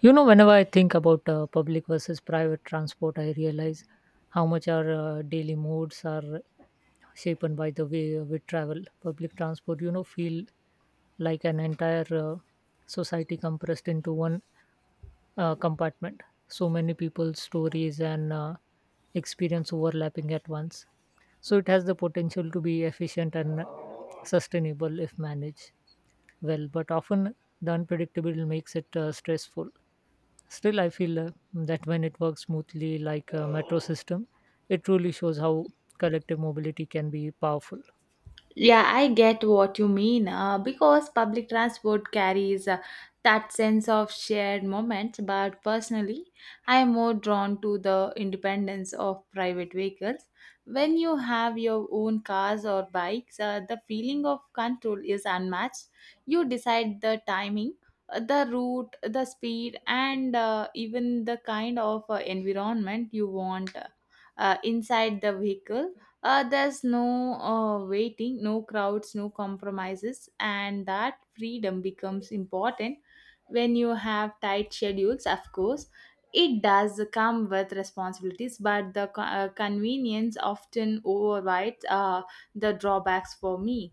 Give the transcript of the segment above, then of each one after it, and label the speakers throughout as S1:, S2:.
S1: Whenever I think about public versus private transport, I realize how much our daily moods are shaped by the way we travel. Public transport, feel like an entire society compressed into one compartment. So many people's stories and experience overlapping at once. So it has the potential to be efficient and sustainable if managed well, but often the unpredictable makes it stressful. Still, I feel that when it works smoothly, like a metro system, it truly shows how collective mobility can be powerful.
S2: Yeah, I get what you mean. Because public transport carries that sense of shared moments, but personally, I am more drawn to the independence of private vehicles. When you have your own cars or bikes, the feeling of control is unmatched. You decide the timing, the route, the speed, and even the kind of environment you want inside the vehicle. There's no waiting, no crowds, no compromises, and that freedom becomes important when you have tight schedules, of course. It does come with responsibilities, but the convenience often overrides the drawbacks for me.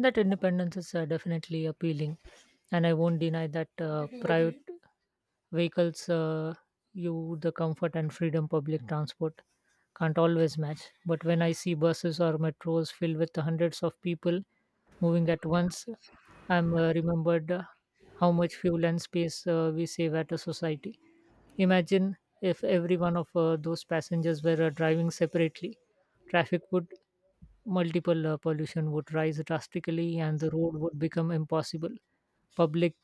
S1: That independence is definitely appealing, and I won't deny that private vehicles you the comfort and freedom public transport can't always match. But when I see buses or metros filled with hundreds of people moving at once, I'm remembered how much fuel and space we save at a society. Imagine if every one of those passengers were driving separately. Traffic would multiple, pollution would rise drastically, and the road would become impossible. Public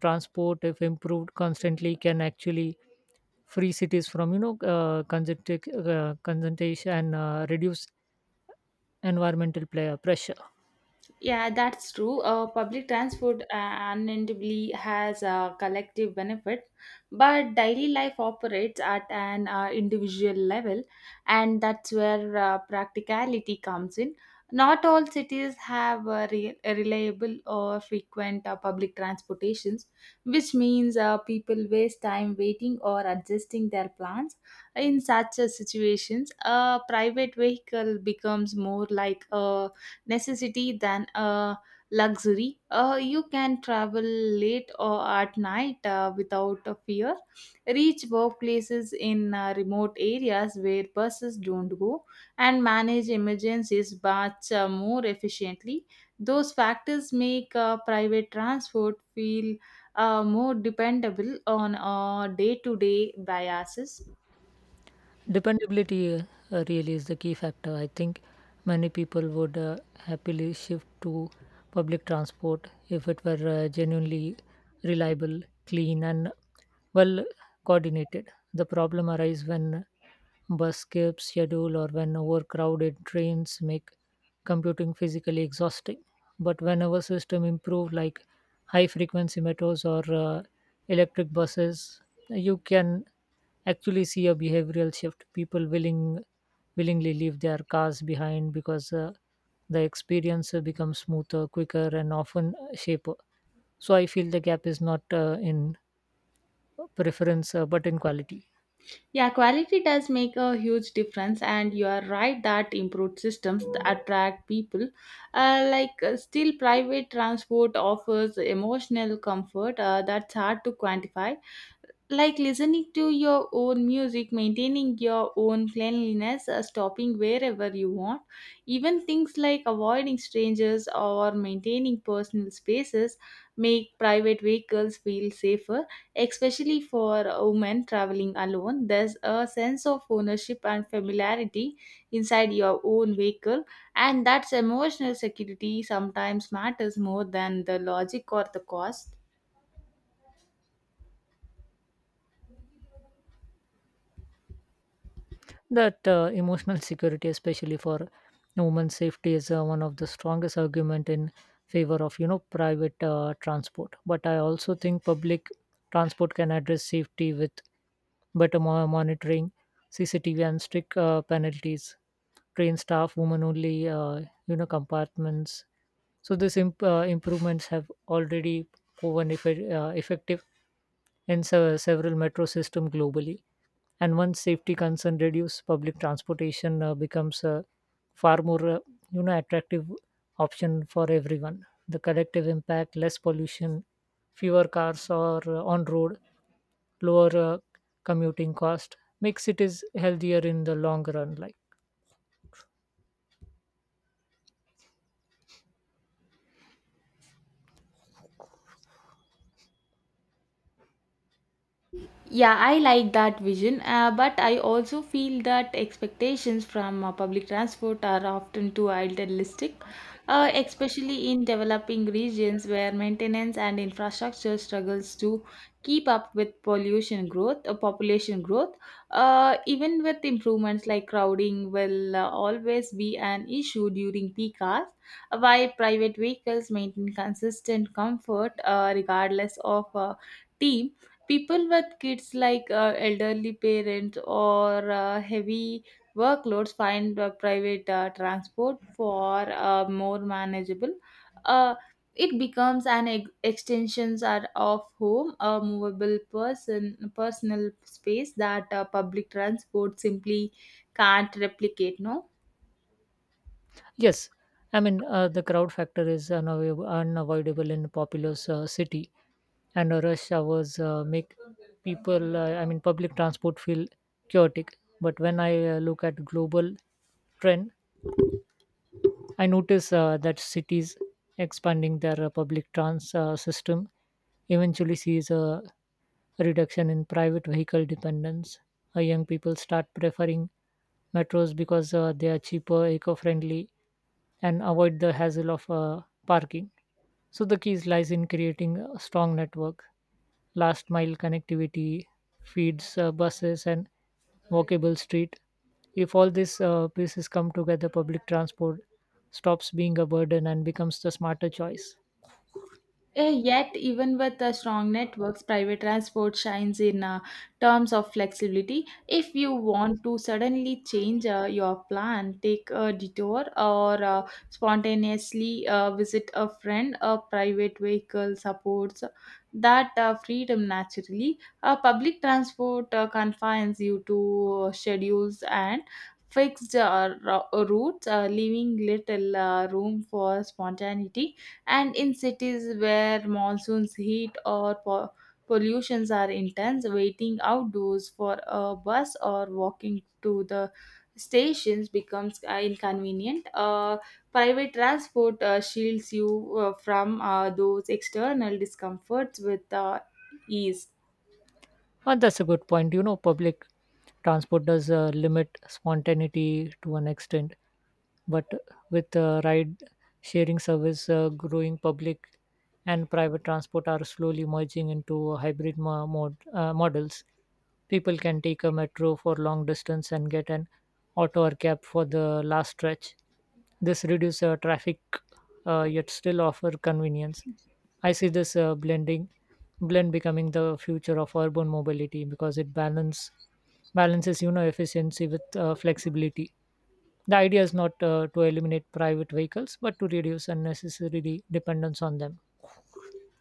S1: transport, if improved constantly, can actually free cities from congestion, congestion and reduce environmental player pressure.
S2: Yeah, that's true. Public transport unendably has a collective benefit, but daily life operates at an individual level, and that's where practicality comes in. Not all cities have a reliable or frequent public transportations, which means people waste time waiting or adjusting their plans. In such situations, a private vehicle becomes more like a necessity than a luxury. You can travel late or at night without a fear, reach workplaces in remote areas where buses don't go, and manage emergencies much more efficiently. Those factors make private transport feel more dependable on a day to day biases.
S1: Dependability really is the key factor. I think many people would happily shift to public transport if it were genuinely reliable, clean, and well coordinated. The problem arises when bus skips schedule or when overcrowded trains make computing physically exhausting. But whenever system improve, like high frequency metros or electric buses, you can actually see a behavioral shift. People willingly leave their cars behind because the experience becomes smoother quicker and often shaper. So I feel the gap is not in preference but in quality.
S2: Yeah, quality does make a huge difference, and you are right that improved systems attract people. Still, private transport offers emotional comfort that's hard to quantify like listening to your own music, maintaining your own cleanliness, stopping wherever you want. Even things like avoiding strangers or maintaining personal spaces make private vehicles feel safer, especially for women traveling alone. There's a sense of ownership and familiarity inside your own vehicle, and that's emotional security sometimes matters more than the logic or the cost.
S1: That emotional security, especially for women's safety, is one of the strongest argument in favor of private transport. But I also think public transport can address safety with better monitoring, CCTV, and strict penalties, train staff, women only compartments. So these improvements have already proven effective in several metro systems globally. And once safety concern reduce, public transportation becomes a far more attractive option for everyone. The collective impact, less pollution, fewer cars or on road, lower commuting cost makes it is healthier in the long run. Like.
S2: Yeah, I like that vision, but I also feel that expectations from public transport are often too idealistic, especially in developing regions where maintenance and infrastructure struggles to keep up with pollution growth, population growth. Even with improvements like crowding will always be an issue during peak hours, while private vehicles maintain consistent comfort regardless of team people with kids like elderly parents or heavy workloads find private transport for more manageable uh, it becomes an extensions are of home a movable person personal space that public transport simply can't replicate no.
S1: Yes, I mean the crowd factor is unavoidable in populous city, and rush hours make people. I mean, public transport feel chaotic. But when I look at global trend, I notice that cities expanding their public trans system eventually sees a reduction in private vehicle dependence. Young people start preferring metros because they are cheaper, eco-friendly, and avoid the hassle of parking. So the key lies in creating a strong network last mile connectivity, feeds, buses, and walkable street. If all these pieces come together, public transport stops being a burden and becomes the smarter choice.
S2: Eh, yet, even with strong networks, private transport shines in terms of flexibility. If you want to suddenly change your plan, take a detour, or spontaneously visit a friend, a private vehicle supports that freedom naturally. Public transport confines you to schedules and fixed routes, leaving little room for spontaneity, and in cities where monsoons heat or pollutions are intense, waiting outdoors for a bus or walking to the stations becomes inconvenient. Private transport shields you from those external discomforts with ease.
S1: And that's a good point. Public transport does limit spontaneity to an extent. But with ride sharing service growing, public and private transport are slowly merging into hybrid models. People can take a metro for long distance and get an auto or cab for the last stretch. This reduces traffic yet still offer convenience. I see this blend becoming the future of urban mobility because it balances efficiency with flexibility. The idea is not to eliminate private vehicles, but to reduce unnecessary dependence on them.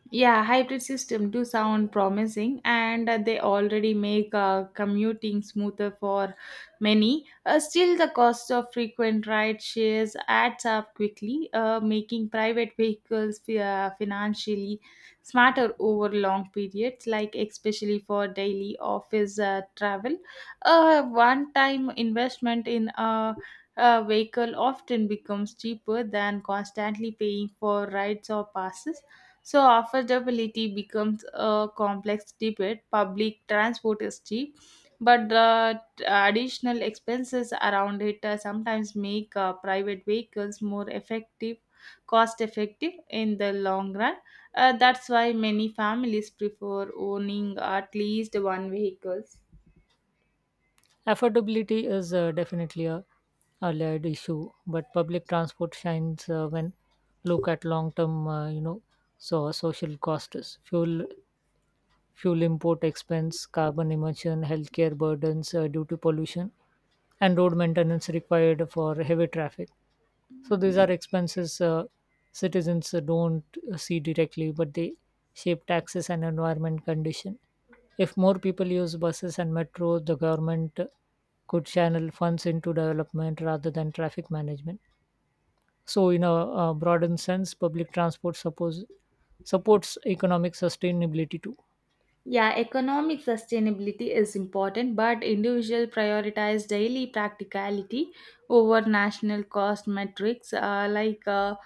S2: Yeah, hybrid system do sound promising, and they already make commuting smoother for many. Still, the cost of frequent ride shares adds up quickly, making private vehicles financially smarter over long periods, like especially for daily office travel. A one-time investment in a vehicle often becomes cheaper than constantly paying for rides or passes, so affordability becomes a complex debate. Public transport is cheap, but the additional expenses around it sometimes make private vehicles more effective, cost effective in the long run. That's why many families prefer owning at least one vehicle.
S1: Affordability is definitely a layered issue, but public transport shines when look at long-term, so social costs, fuel import expense, carbon emission, healthcare burdens due to pollution, and road maintenance required for heavy traffic. So these are expenses citizens don't see directly, but they shape taxes and environment condition. If more people use buses and metro, the government could channel funds into development rather than traffic management. So, in a broadened sense, public transport supports economic sustainability too.
S2: Yeah, economic sustainability is important, but individual prioritize daily practicality over national cost metrics.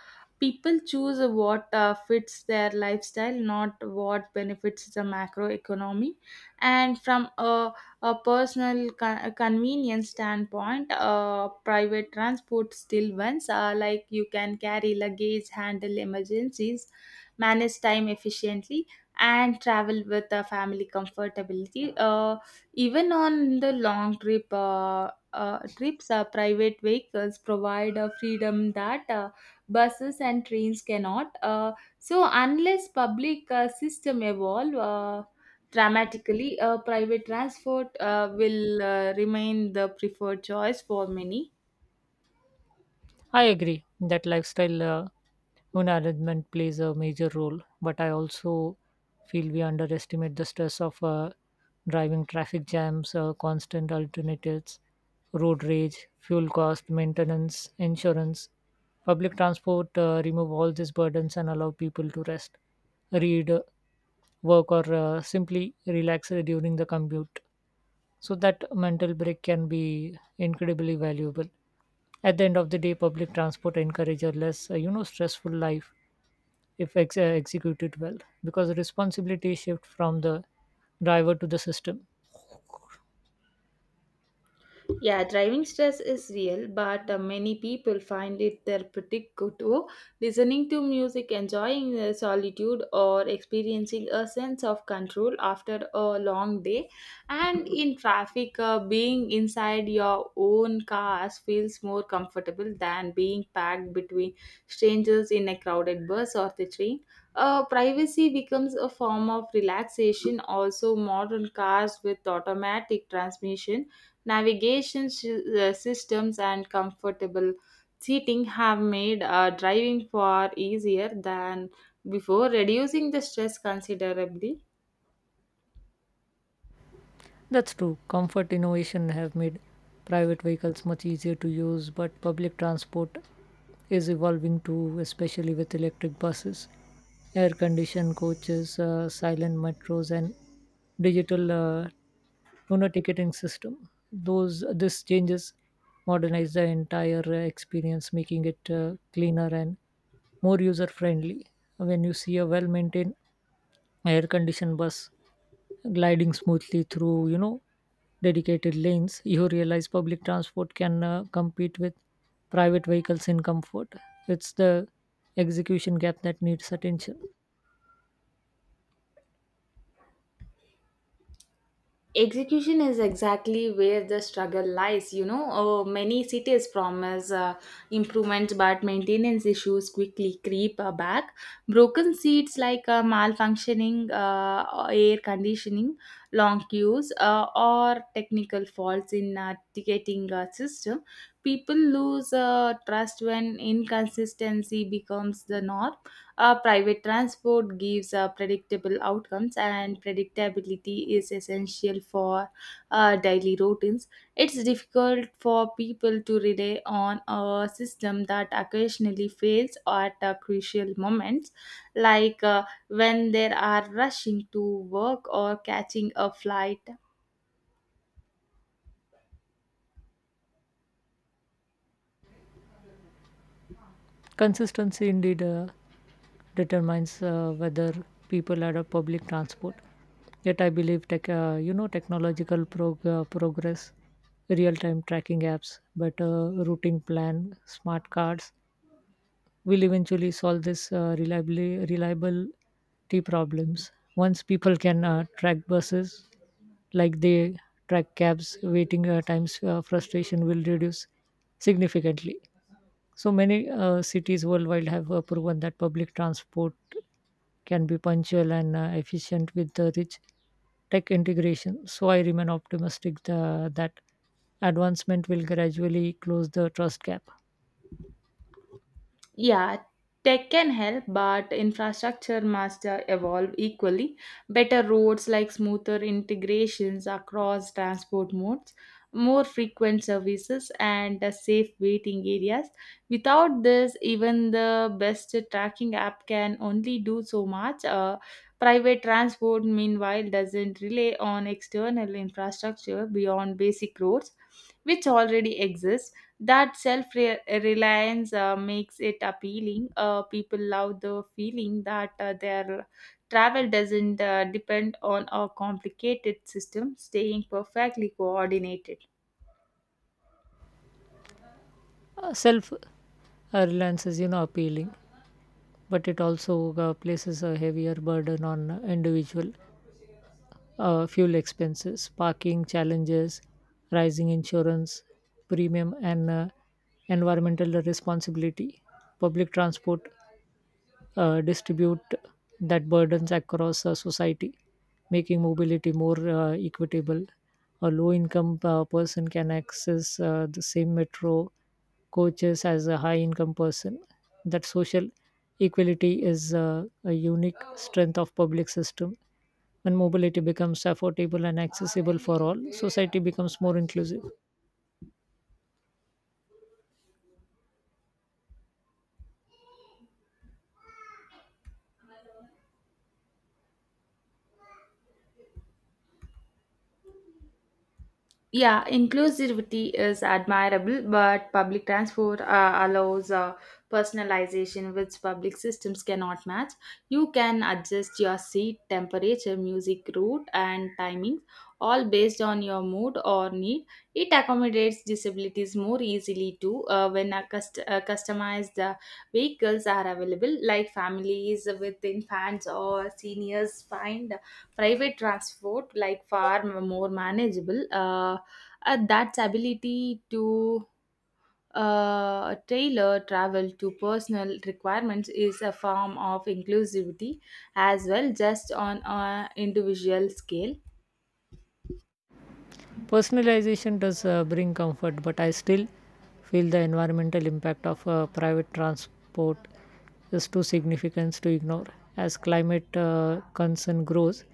S2: People choose what fits their lifestyle, not what benefits the macro economy. And from a personal convenience standpoint, private transport still wins. Like, you can carry luggage, handle emergencies, manage time efficiently and travel with the family comfortability. Even on the long trips, private vehicles provide a freedom that buses and trains cannot. So unless public system evolve dramatically, private transport will remain the preferred choice for many.
S1: I agree that lifestyle management plays a major role, but I also feel we underestimate the stress of driving traffic jams, constant alternatives, road rage, fuel cost, maintenance, insurance. Public transport remove all these burdens and allow people to rest, read, work, or simply relax during the commute, so that mental break can be incredibly valuable. At the end of the day, public transport encourages a less stressful life if executed well, because the responsibility shift from the driver to the system.
S2: Yeah, driving stress is real, but many people find it therapeutic to listening to music, enjoying the solitude, or experiencing a sense of control after a long day. And in traffic, being inside your own cars feels more comfortable than being packed between strangers in a crowded bus or the train. Privacy becomes a form of relaxation. Also, modern cars with automatic transmission navigation systems and comfortable seating have made driving far easier than before, reducing the stress considerably.
S1: That's true. Comfort innovation have made private vehicles much easier to use, but public transport is evolving too, especially with electric buses, air-conditioned coaches, silent metros, and digital, ticketing system. Those this changes modernize the entire experience, making it cleaner and more user-friendly. When you see a well-maintained air-conditioned bus gliding smoothly through dedicated lanes, you realize public transport can compete with private vehicles in comfort. It's the execution gap that needs attention.
S2: Execution is exactly where the struggle lies, you know, many cities promise improvements, but maintenance issues quickly creep back, broken seats, like malfunctioning air conditioning, long queues, or technical faults in ticketing system. People lose trust when inconsistency becomes the norm. Private transport gives predictable outcomes, and predictability is essential for daily routines. It's difficult for people to rely on a system that occasionally fails at crucial moments, like when they are rushing to work or catching a flight.
S1: Consistency indeed determines whether people adopt public transport. Yet I believe technological progress, real time tracking apps, better routing plan, smart cards, will eventually solve this reliably reliability problems. Once people can track buses like they track cabs, waiting times frustration will reduce significantly. So many cities worldwide have proven that public transport can be punctual and efficient with the rich tech integration. So I remain optimistic that advancement will gradually close the trust gap.
S2: Yeah, tech can help, but infrastructure must evolve equally. Better roads, like smoother integrations across transport modes, more frequent services, and safe waiting areas. Without this, even the best tracking app can only do so much. Private transport, meanwhile, doesn't rely on external infrastructure beyond basic roads, which already exist. That self reliance makes it appealing. People love the feeling that their travel doesn't depend on a complicated system, staying perfectly coordinated.
S1: Self reliance is, appealing, but it also places a heavier burden on individual fuel expenses, parking challenges, rising insurance premium, and environmental responsibility. Public transport distribute that burdens across society, making mobility more equitable. A low income person can access the same metro coaches as a high income person. That social equality is a unique strength of public system. When mobility becomes affordable and accessible for all, society becomes more inclusive.
S2: Yeah, inclusivity is admirable, but public transport allows personalization which public systems cannot match. You can adjust your seat temperature, music route, and timing, all based on your mood or need. It accommodates disabilities more easily too when a customized vehicles are available, like families with infants or seniors find private transport like far more manageable. At that ability to tailor travel to personal requirements is a form of inclusivity as well, just on an individual scale.
S1: Personalization does bring comfort, but I still feel the environmental impact of private transport is too significant to ignore. As climate concern grows,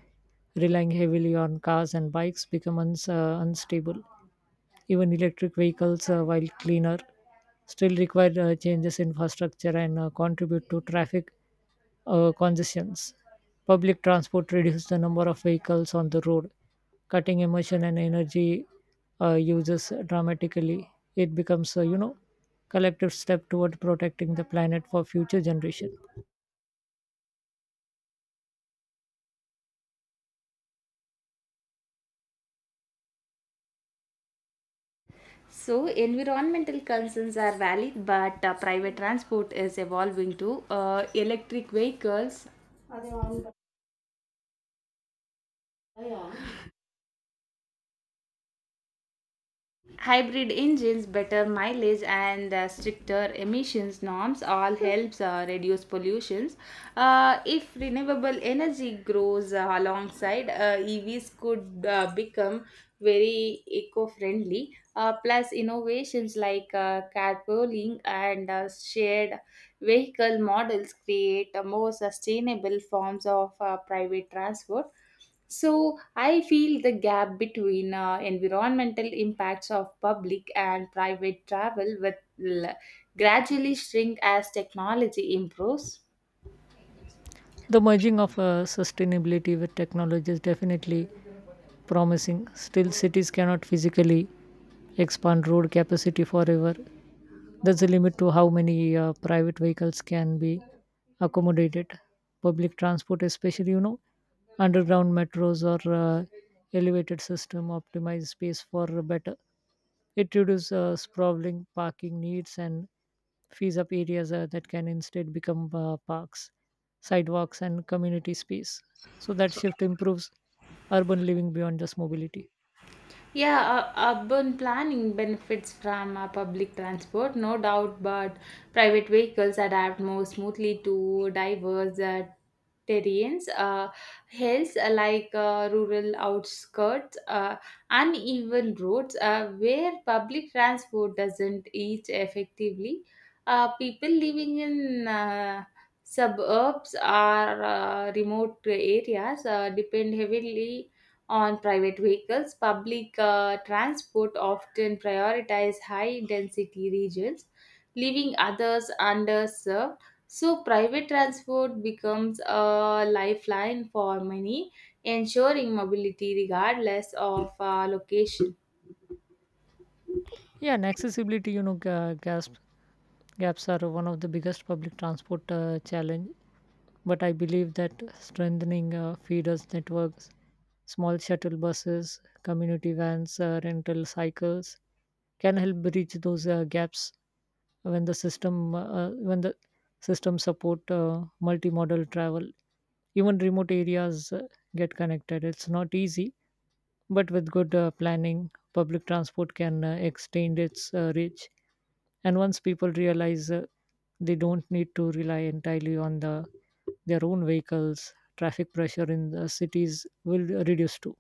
S1: relying heavily on cars and bikes becomes unstable. Even electric vehicles, while cleaner, still require changes in infrastructure and contribute to traffic congestions. Public transport reduces the number of vehicles on the road, cutting emission and energy uses dramatically. It becomes a collective step toward protecting the planet for future generation.
S2: So environmental concerns are valid, but private transport is evolving to electric vehicles, hybrid engines, better mileage, and stricter emissions norms all helps reduce pollutions. If renewable energy grows alongside evs, could become very eco-friendly. Plus innovations like carpooling and shared vehicle models create more sustainable forms of private transport. So I feel the gap between environmental impacts of public and private travel will gradually shrink as technology improves.
S1: The merging of sustainability with technology is definitely promising. Still, cities cannot physically expand road capacity forever. There's a limit to how many private vehicles can be accommodated. Public transport, especially, underground metros or elevated system optimize space for better. It reduces sprawling parking needs and frees up areas that can instead become parks, sidewalks, and community space. So that shift improves urban living beyond just mobility.
S2: Yeah, urban planning benefits from public transport, no doubt, but private vehicles adapt more smoothly to diverse terrains, hills like rural outskirts, uneven roads, where public transport doesn't reach effectively. People living in suburbs or remote areas depend heavily on private vehicles. Public transport often prioritize high density regions, leaving others underserved. So, private transport becomes a lifeline for many, ensuring mobility regardless of location.
S1: Yeah, and accessibility, gaps are one of the biggest public transport challenge. But I believe that strengthening feeders networks, small shuttle buses, community vans, rental cycles can help bridge those gaps when the system support multimodal travel. Even remote areas get connected. It's not easy, but with good planning, public transport can extend its reach, and once people realize they don't need to rely entirely on their own vehicles, traffic pressure in the cities will reduce too.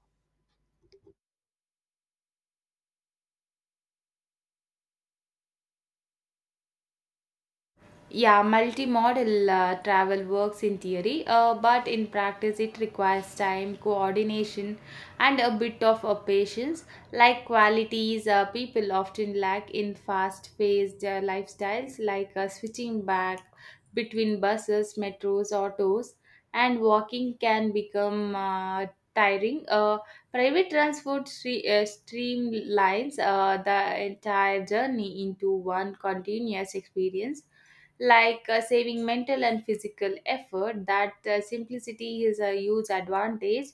S2: Yeah, multimodal travel works in theory, but in practice it requires time, coordination, and a bit of patience, like qualities people often lack in fast paced lifestyles, like switching back between buses, metros, autos, and walking can become tiring. Private transport streamlines the entire journey into one continuous experience, like saving mental and physical effort. That simplicity is a huge advantage,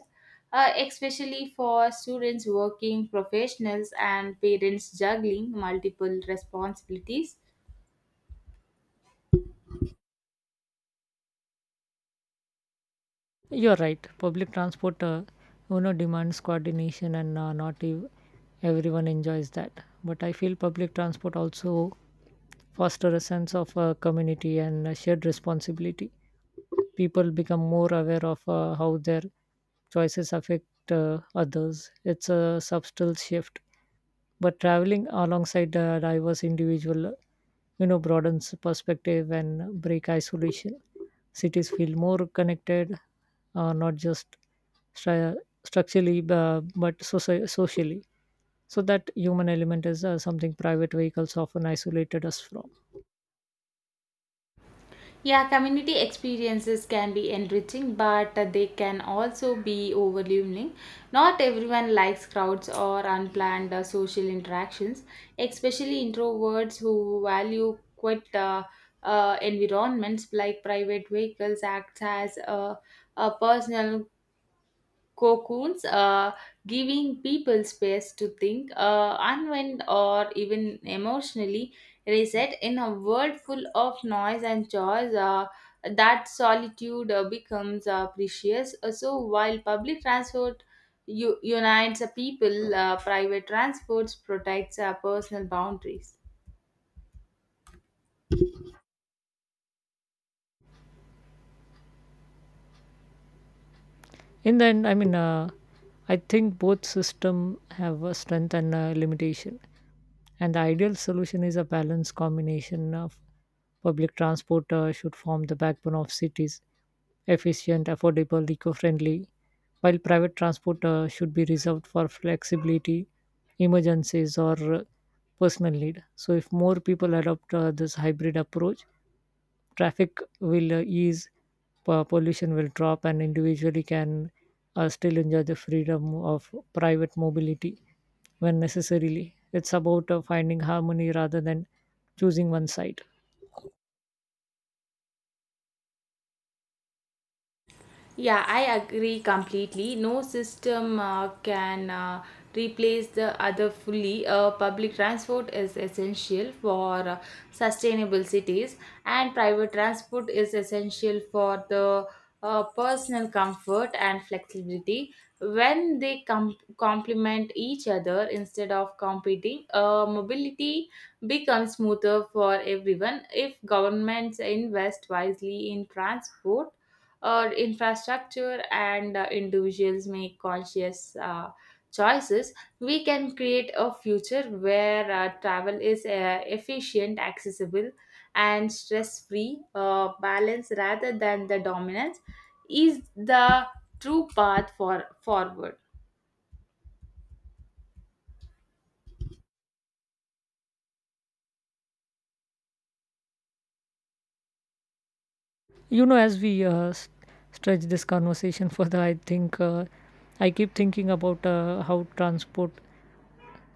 S2: especially for students, working professionals, and parents juggling multiple responsibilities.
S1: You're right, public transport demands coordination, and not everyone enjoys that. But I feel public transport also foster a sense of community and shared responsibility. People become more aware of how their choices affect others. It's a subtle shift, but traveling alongside diverse individual, broadens perspective and break isolation. Cities feel more connected, not just stru- structurally but socially. So that human element is something private vehicles often isolated us from.
S2: Yeah, community experiences can be enriching, but they can also be overwhelming. Not everyone likes crowds or unplanned social interactions, especially introverts who value quiet environments, like private vehicles acts as a personal cocoons, giving people space to think, unwind, or even emotionally reset in a world full of noise and chores. That solitude becomes precious. So while public transport unites people, private transports protects personal boundaries.
S1: In the end, I mean I think both system have a strength and a limitation. And the ideal solution is a balanced combination of public transport should form the backbone of cities, efficient, affordable, eco-friendly, while private transport should be reserved for flexibility, emergencies, or personal need. So, if more people adopt this hybrid approach, traffic will ease, pollution will drop, and individually can still enjoy the freedom of private mobility when necessarily. It's about finding harmony rather than choosing one side.
S2: Yeah, I agree completely. No system can replace the other fully. Public transport is essential for sustainable cities, and private transport is essential for the personal comfort and flexibility. When they complement each other instead of competing, mobility becomes smoother for everyone. If governments invest wisely in transport, or infrastructure, and individuals make conscious choices, we can create a future where travel is efficient, accessible, and stress free. Balance rather than the dominance is the true path for forward.
S1: As we stretch this conversation further, I think I keep thinking about how transport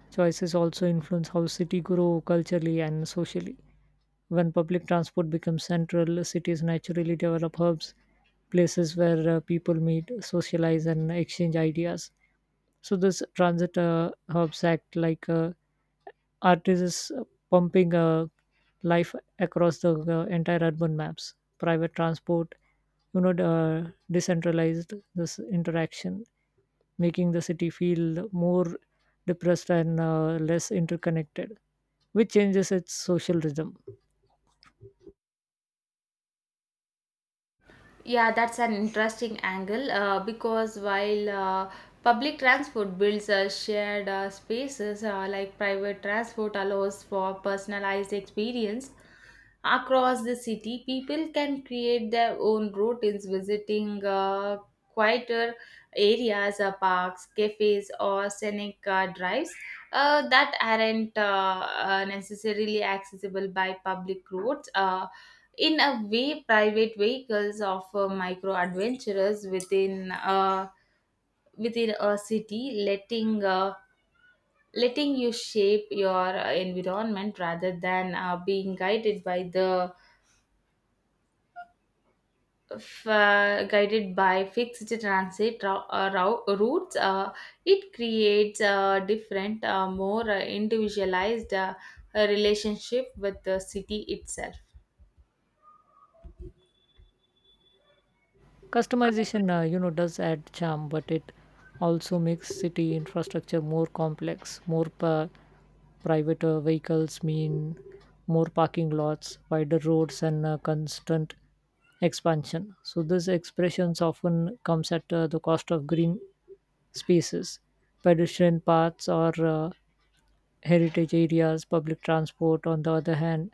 S1: choices also influence how city grow culturally and socially. When public transport becomes central, cities naturally develop hubs, places where people meet, socialize, and exchange ideas. So, this transit hubs act like artists pumping life across the entire urban maps. Private transport, decentralized this interaction, making the city feel more depressed and less interconnected, which changes its social rhythm.
S2: Yeah, that's an interesting angle because while public transport builds shared spaces, like private transport allows for personalized experience, across the city, people can create their own routines visiting quieter areas, parks, cafes, or scenic drives that aren't necessarily accessible by public roads. In a way, private vehicles offer micro adventures within a city, letting you shape your environment rather than being guided by guided by fixed transit routes, it creates a different, more individualized relationship with the city itself.
S1: Customization, does add charm, but it also makes city infrastructure more complex. More private vehicles mean more parking lots, wider roads, and constant expansion. So these expressions often comes at the cost of green spaces, pedestrian paths, or heritage areas. Public transport, on the other hand,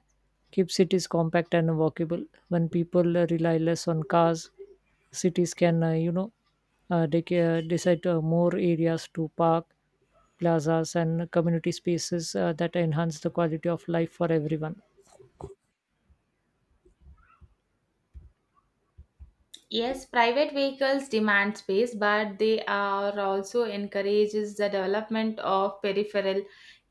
S1: keep cities compact and walkable. When people rely less on cars, cities can, you know, they can decide more areas to park, plazas, and community spaces that enhance the quality of life for everyone.
S2: Yes, private vehicles demand space, but they are also encourages the development of peripheral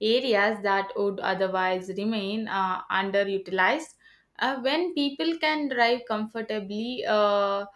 S2: areas that would otherwise remain underutilized. When people can drive comfortably,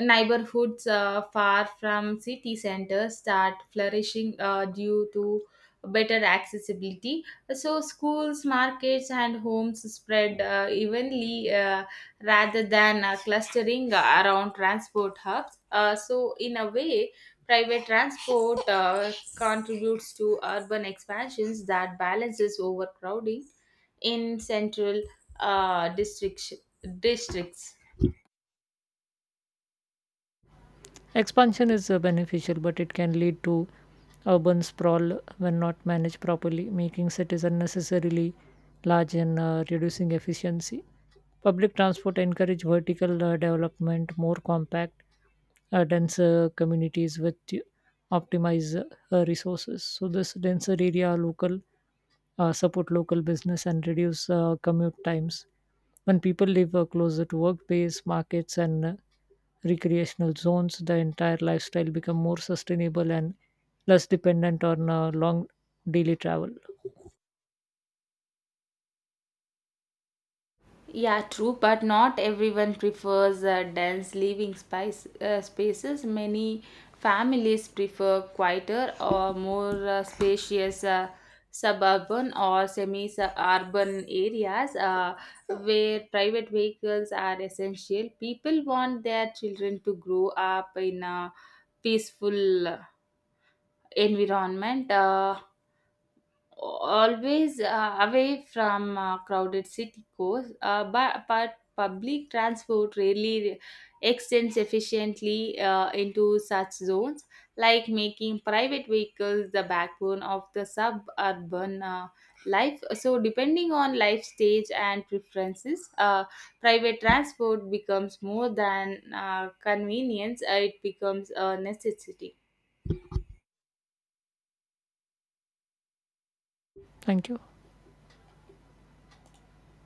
S2: neighborhoods far from city centers start flourishing due to better accessibility. So, schools, markets, and homes spread evenly rather than clustering around transport hubs. So, in a way, private transport contributes to urban expansions that balances overcrowding in central uh, districts. districts.
S1: Expansion is beneficial, but it can lead to urban sprawl when not managed properly, making cities unnecessarily large and reducing efficiency. Public transport encourage vertical development, more compact, denser communities with optimize resources. So this denser area, local support local business, and reduce commute times. When people live closer to workplace, markets, and recreational zones, the entire lifestyle become more sustainable and less dependent on long daily travel.
S2: Yeah, true, but not everyone prefers dense living spice, spaces. Many families prefer quieter or more spacious suburban or semi urban areas where private vehicles are essential. People want their children to grow up in a peaceful environment. Always away from crowded city cores, but public transport rarely extends efficiently into such zones, like making private vehicles the backbone of the suburban life. So, depending on life stage and preferences, private transport becomes more than convenience, it becomes a necessity.
S1: Thank you.